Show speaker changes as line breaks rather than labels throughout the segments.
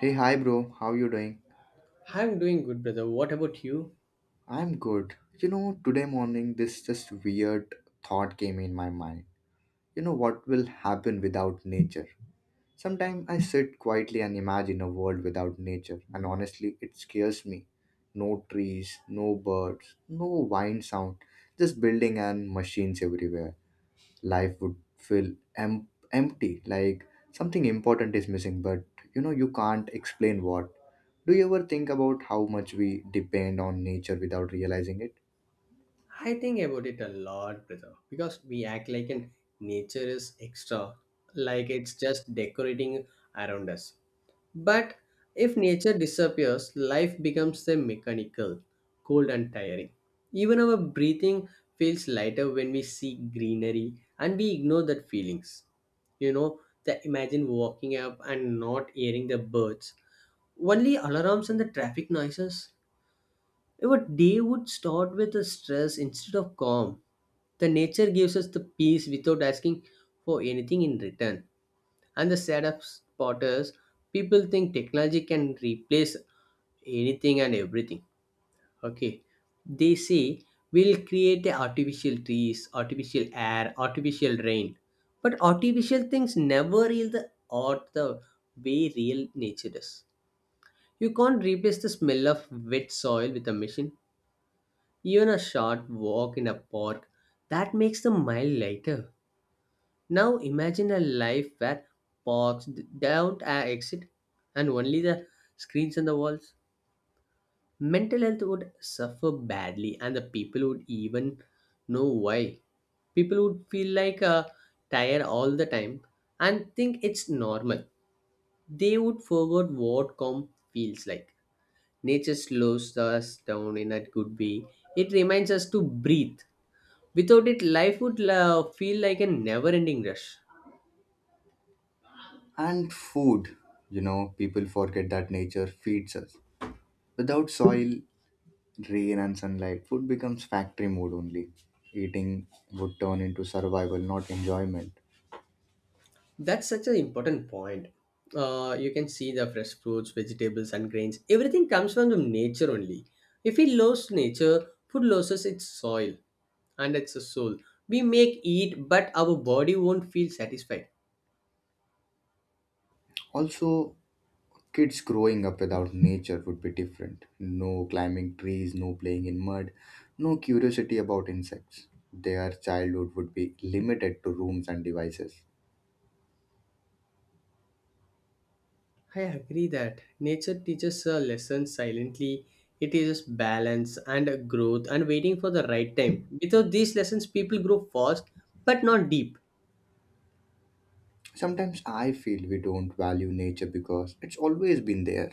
Hey, hi, bro. How you doing?
I'm doing good, brother. What about you?
I'm good. You know, today morning, this just weird thought came in my mind. You know, what will happen without nature? Sometimes I sit quietly and imagine a world without nature, and honestly, it scares me. No trees, no birds, no wind sound, just building and machines everywhere. Life would feel empty, like something important is missing, but you can't explain what. Do you ever think about how much we depend on nature without realizing it?
I think about it a lot, brother, because we act like an nature is extra, like it's just decorating around us. But if nature disappears, life becomes a mechanical, cold and tiring. Even our breathing feels lighter when we see greenery and we ignore that feelings. You know, the imagine walking up and not hearing the birds, only alarms and the traffic noises. Our day would start with a stress instead of calm. The nature gives us the peace without asking for anything in return. And the saddest part is people think technology can replace anything and everything. Okay. They say we'll create the artificial trees, artificial air, artificial rain. But artificial things never yield the art the way real nature does. You can't replace the smell of wet soil with a machine. Even a short walk in a park that makes the mile lighter. Now imagine a life where parks don't exist and only the screens and the walls. Mental health would suffer badly, and the people would even know why. People would feel like tired all the time and think it's normal. They would forget what calm feels like. Nature slows us down in a good way. It reminds us to breathe. Without it, life would feel like a never ending rush.
And food, people forget that nature feeds us. Without soil, rain and sunlight, food becomes factory mode only. Eating would turn into survival, not enjoyment.
That's such an important point. You can see the fresh fruits, vegetables, and grains. Everything comes from the nature only. If we lose nature, food loses its soil and its soul. We make eat, but our body won't feel satisfied.
Also, kids growing up without nature would be different. No climbing trees, no playing in mud, no curiosity about insects. Their childhood would be limited to rooms and devices.
I agree that nature teaches a lesson silently. It teaches balance and growth and waiting for the right time. Without these lessons, people grow fast but not deep.
Sometimes I feel we don't value nature because it's always been there.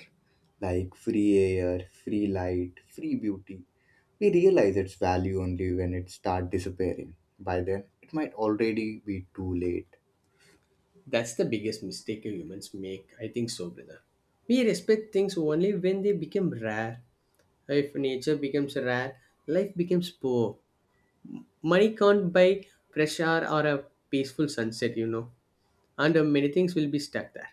Like free air, free light, free beauty. We realize its value only when it starts disappearing. By then, it might already be too late.
That's the biggest mistake humans make, I think so, brother. We respect things only when they become rare. If nature becomes rare, life becomes poor. Money can't buy fresh air or a peaceful sunset, you know. And many things will be stuck there.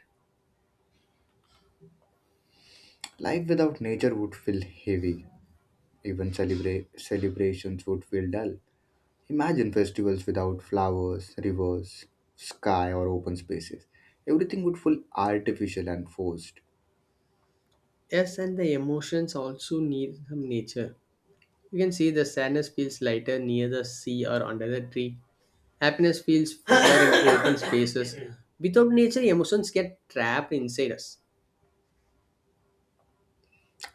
Life without nature would feel heavy. Even celebrations would feel dull. Imagine festivals without flowers, rivers, sky, or open spaces. Everything would feel artificial and forced.
Yes, and the emotions also need some nature. You can see the sadness feels lighter near the sea or under the tree. Happiness feels fuller in open spaces. Without nature, emotions get trapped inside us.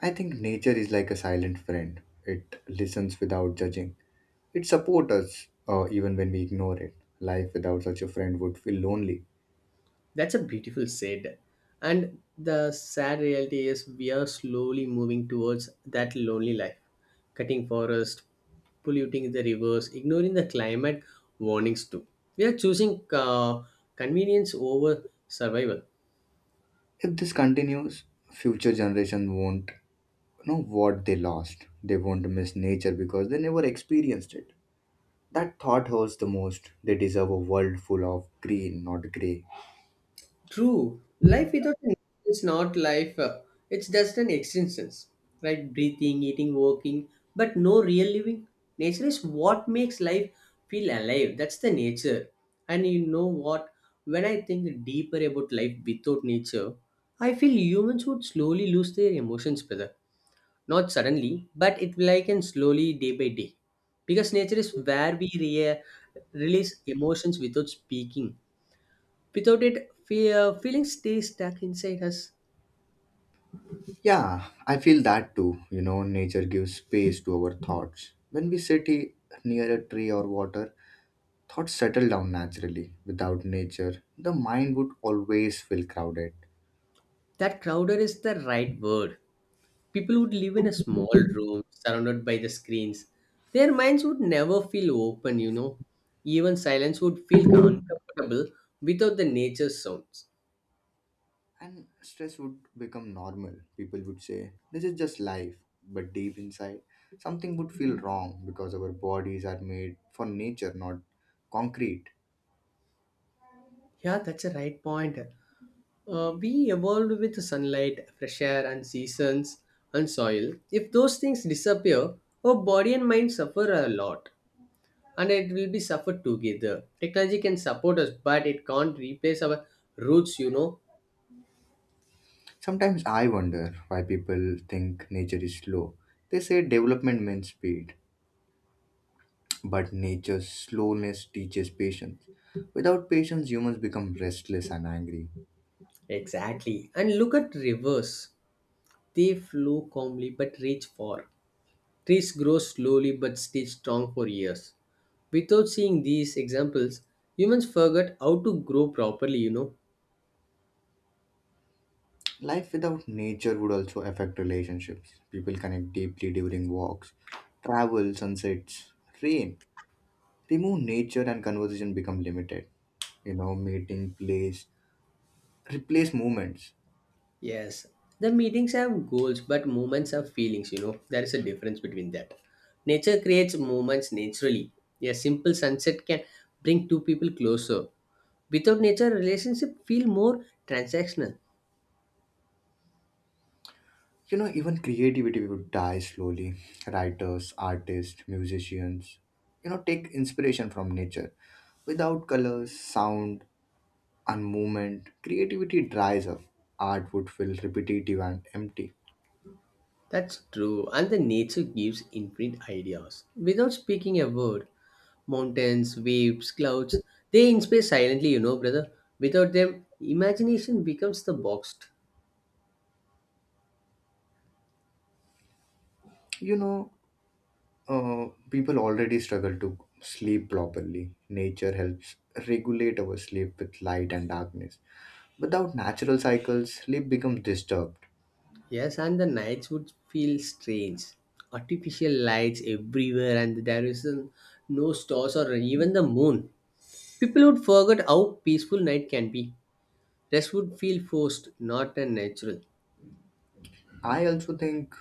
I think nature is like a silent friend. It listens without judging. It supports us even when we ignore it. Life without such a friend would feel lonely.
That's a beautiful said. And the sad reality is we are slowly moving towards that lonely life. Cutting forest, polluting the rivers, ignoring the climate warnings too. We are choosing convenience over survival.
If this continues, future generations won't know what they lost. They won't miss nature because they never experienced it. That thought hurts the most. They deserve a world full of green, not grey.
True. Life without a nap is not life. It's just an existence, right? Breathing, eating, working, but no real living. Nature is what makes life feel alive. That's the nature. And you know what? When I think deeper about life without nature, I feel humans would slowly lose their emotions, brother. Not suddenly, but it will like and slowly day by day. Because nature is where we release emotions without speaking. Without it, fear, feelings stay stuck inside us.
Yeah, I feel that too. You know, nature gives space to our thoughts. When we sit near a tree or water, thoughts settle down naturally. Without nature, the mind would always feel crowded,
That crowder is the right word. People would live in a small room surrounded by the screens. Their minds would never feel open, you know. Even silence would feel uncomfortable without the nature sounds.
and stress would become normal. People would say, "This is just life." But deep inside, something would feel wrong, because our bodies are made for nature, not concrete.
Yeah, that's a right point. We evolved with the sunlight, fresh air, and seasons and soil. If those things disappear, our body and mind suffer a lot. And it will be suffered together. Technology can support us, but it can't replace our roots, you know.
Sometimes I wonder why people think nature is slow. They say development means speed, but nature's slowness teaches patience. Without patience, humans become restless and angry.
Exactly. And look at rivers. They flow calmly but reach far. Trees grow slowly but stay strong for years. Without seeing these examples, humans forget how to grow properly, you know.
Life without nature would also affect relationships. People connect deeply during walks, travel, sunsets, rain. Remove nature and conversation become limited. You know, meeting, place, replace movements.
Yes, the meetings have goals, but moments have feelings, you know. There is a difference between that. Nature creates moments naturally. A simple sunset can bring two people closer. Without nature, relationship feel more transactional.
You know, even creativity would die slowly. Writers, artists, musicians, you know, take inspiration from nature. Without colors, sound, and movement, creativity dries up. Art would feel repetitive and empty.
That's true. And the nature gives infinite ideas. Without speaking a word, mountains, waves, clouds, they inspire silently, you know, brother. Without them, imagination becomes the box.
You know, people already struggle to sleep properly. Nature helps regulate our sleep with light and darkness. Without natural cycles, sleep becomes disturbed.
Yes, and the nights would feel strange. Artificial lights everywhere, and there is no stars or even the moon. People would forget how peaceful night can be. Rest would feel forced, not unnatural.
I also think,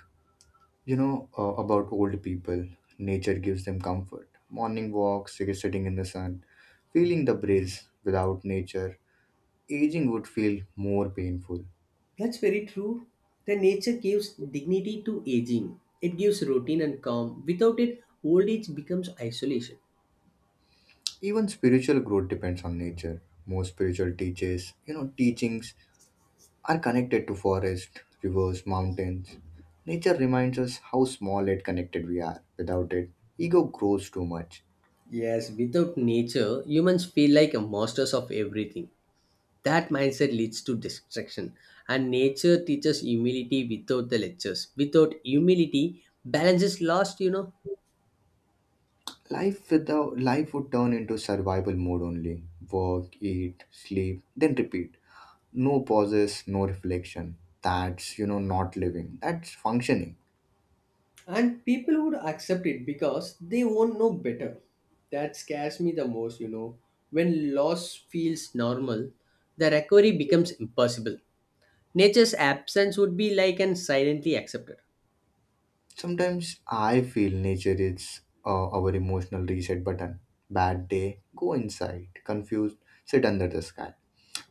you know, about old people. Nature gives them comfort. Morning walks, sitting in the sun, feeling the breeze. Without nature, aging would feel more painful.
That's very true. The nature gives dignity to aging. It gives routine and calm. Without it, old age becomes isolation.
Even spiritual growth depends on nature. Most spiritual teachers, you know, teachings are connected to forest, rivers, mountains. Nature reminds us how small and connected we are. Without it, ego grows too much.
Yes, without nature, humans feel like masters of everything. That mindset leads to distraction, and nature teaches humility without the lectures. Without humility, balance is lost, you know.
Life without life would turn into survival mode only. Work, eat, sleep, then repeat. No pauses, no reflection. That's, you know, not living. That's functioning.
And people would accept it because they won't know better. That scares me the most, you know. When loss feels normal, the recovery becomes impossible. Nature's absence would be like and silently accepted.
Sometimes I feel nature is our emotional reset button. Bad day, go inside. Confused, sit under the sky.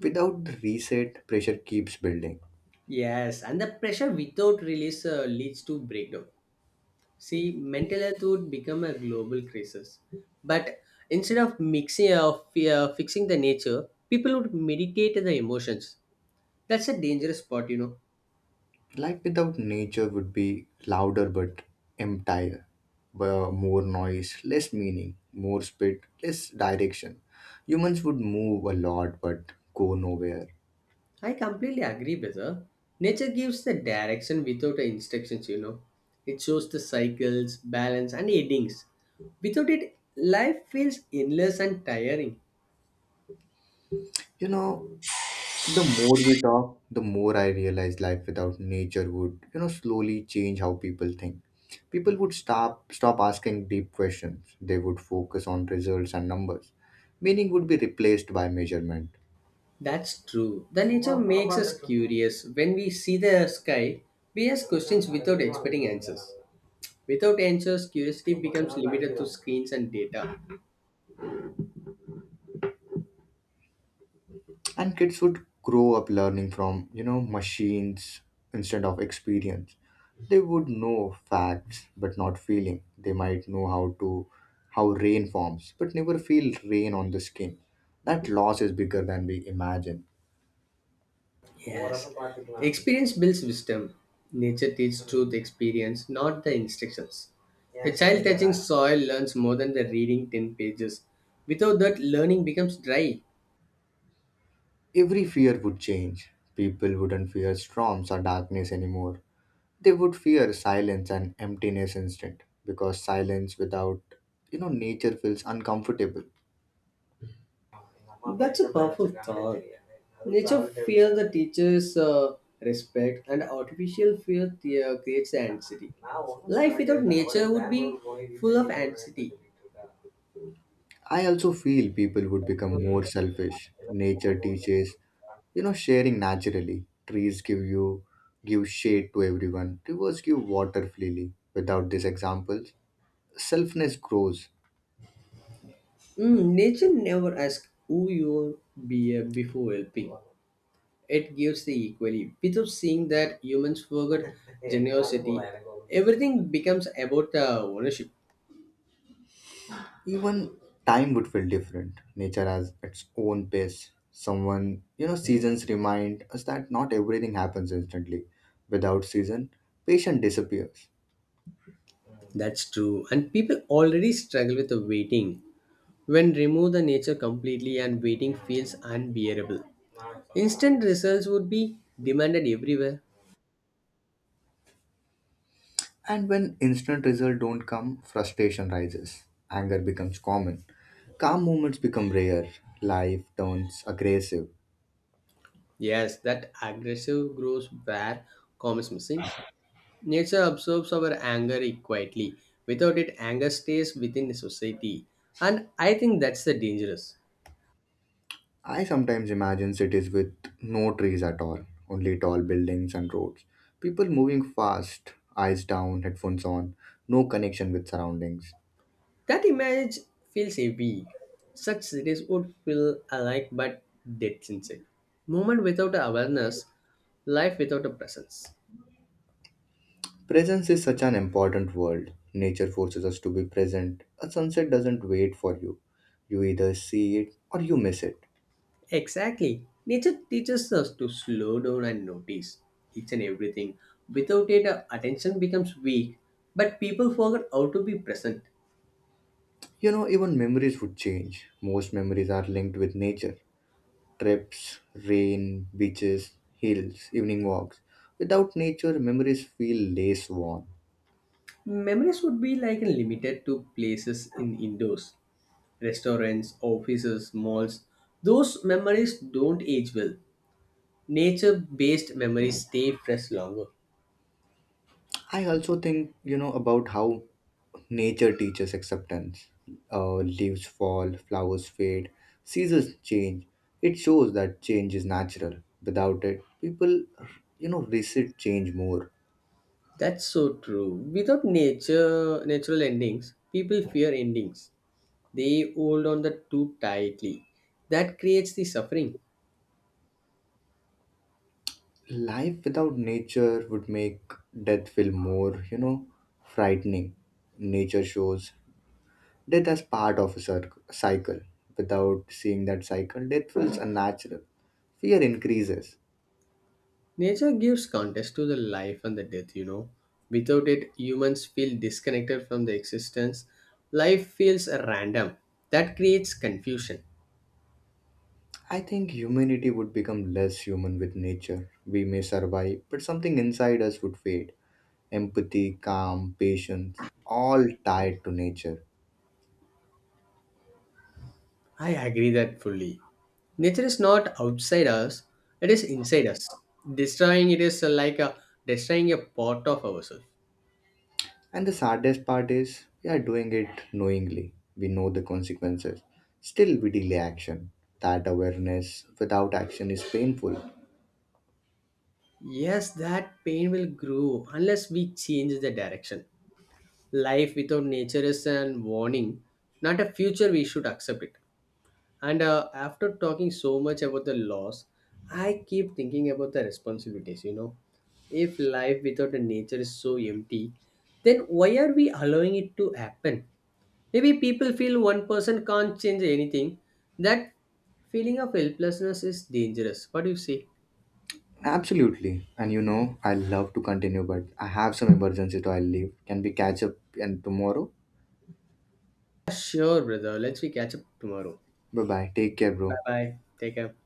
Without the reset, pressure keeps building.
Yes, and the pressure without release leads to breakdown. See, mental health would become a global crisis. But instead of mixing of fixing the nature, people would meditate the emotions. That's a dangerous part, you know.
Life without nature would be louder but emptier. Where More noise, less meaning, more speed, less direction. Humans would move a lot but go nowhere.
I completely agree with her. Nature gives the direction without the instructions, you know. It shows the cycles, balance, and endings. Without it, life feels endless and tiring.
You know, the more we talk, the more I realize life without nature would, you know, slowly change how people think. People would stop asking deep questions. They would focus on results and numbers. Meaning would be replaced by measurement.
That's true. The nature makes us curious. When we see the sky, we ask questions without expecting answers. Without answers, curiosity becomes limited to screens and data.
And kids would grow up learning from, machines, instead of experience. They would know facts but not feeling. They might know how to, how rain forms, but never feel rain on the skin. That loss is bigger than we imagine.
Yes. Experience builds wisdom. Nature teaches through the experience, not the instructions. A child touching soil learns more than the reading 10 pages. Without that, learning becomes dry.
Every fear would change. People wouldn't fear storms or darkness anymore. They would fear silence and emptiness instead, because silence without, nature, feels uncomfortable.
That's a powerful thought. Nature fears the teacher's respect, and artificial fear creates the anxiety. Life without nature would be full of anxiety.
I also feel people would become more selfish. Nature teaches, you know, sharing naturally. Trees give shade to everyone. Rivers give water freely. Without these examples, selfness grows.
Mm, nature never asks who you be before helping. It gives the equally. Without seeing that humans forget generosity, everything becomes about ownership.
Even time would feel different. Nature has its own pace. Someone, you know, seasons remind us that not everything happens instantly. Without season, patience disappears.
That's true. And people already struggle with the waiting. When remove the nature completely and waiting feels unbearable. Instant results would be demanded everywhere.
And when instant results don't come, frustration rises. Anger becomes common. Calm moments become rare. Life turns aggressive.
Yes, that aggressive grows where calm is missing. Nature absorbs our anger quietly. Without it, anger stays within the society. And I think that's the dangerous.
I sometimes imagine cities with no trees at all, only tall buildings and roads. People moving fast, eyes down, headphones on, no connection with surroundings.
That image feels heavy. Such cities would feel alike but dead sincere. Moment without awareness, life without a presence.
Presence is such an important word. Nature forces us to be present. A sunset doesn't wait for you. You either see it or you miss it.
Exactly. Nature teaches us to slow down and notice each and everything. Without it, our attention becomes weak, but people forget how to be present.
You know, even memories would change. Most memories are linked with nature: trips, rain, beaches, hills, evening walks. Without nature, memories feel less warm.
Memories would be like limited to places in indoors, restaurants, offices, malls. Those memories don't age well. Nature based memories stay fresh longer.
I also think, you know, about how nature teaches acceptance. Leaves fall, flowers fade, seasons change. It shows that change is natural. Without it, people, you know, resist change more.
That's so true. Without nature natural endings, people fear endings. They hold on that too tightly. That creates the suffering.
Life without nature would make death feel more, you know, frightening. Nature shows death as part of a cycle. Without seeing that cycle, death feels unnatural. Fear increases.
Nature gives context to the life and the death, you know. Without it, humans feel disconnected from the existence. Life feels random. That creates confusion.
I think humanity would become less human with nature. We may survive, but something inside us would fade. Empathy, calm, patience, all tied to nature.
I agree that fully. Nature is not outside us, it is inside us. Destroying it is like destroying a part of ourselves.
And the saddest part is, we are doing it knowingly. We know the consequences. Still, we delay action. That awareness without action is painful.
Yes, that pain will grow unless we change the direction. Life without nature is an warning, not a future we should accept it. And after talking so much about the loss, I keep thinking about the responsibilities. You know, if life without the nature is so empty, then why are we allowing it to happen? Maybe people feel one person can't change anything. That feeling of helplessness is dangerous. What do you say?
Absolutely. And you know, I love to continue, but I have some emergency to I leave. Can we catch up and tomorrow?
Yeah, sure, brother. Let's we catch up tomorrow.
Bye bye. Take care,
Bye
bro.
bye. Take care.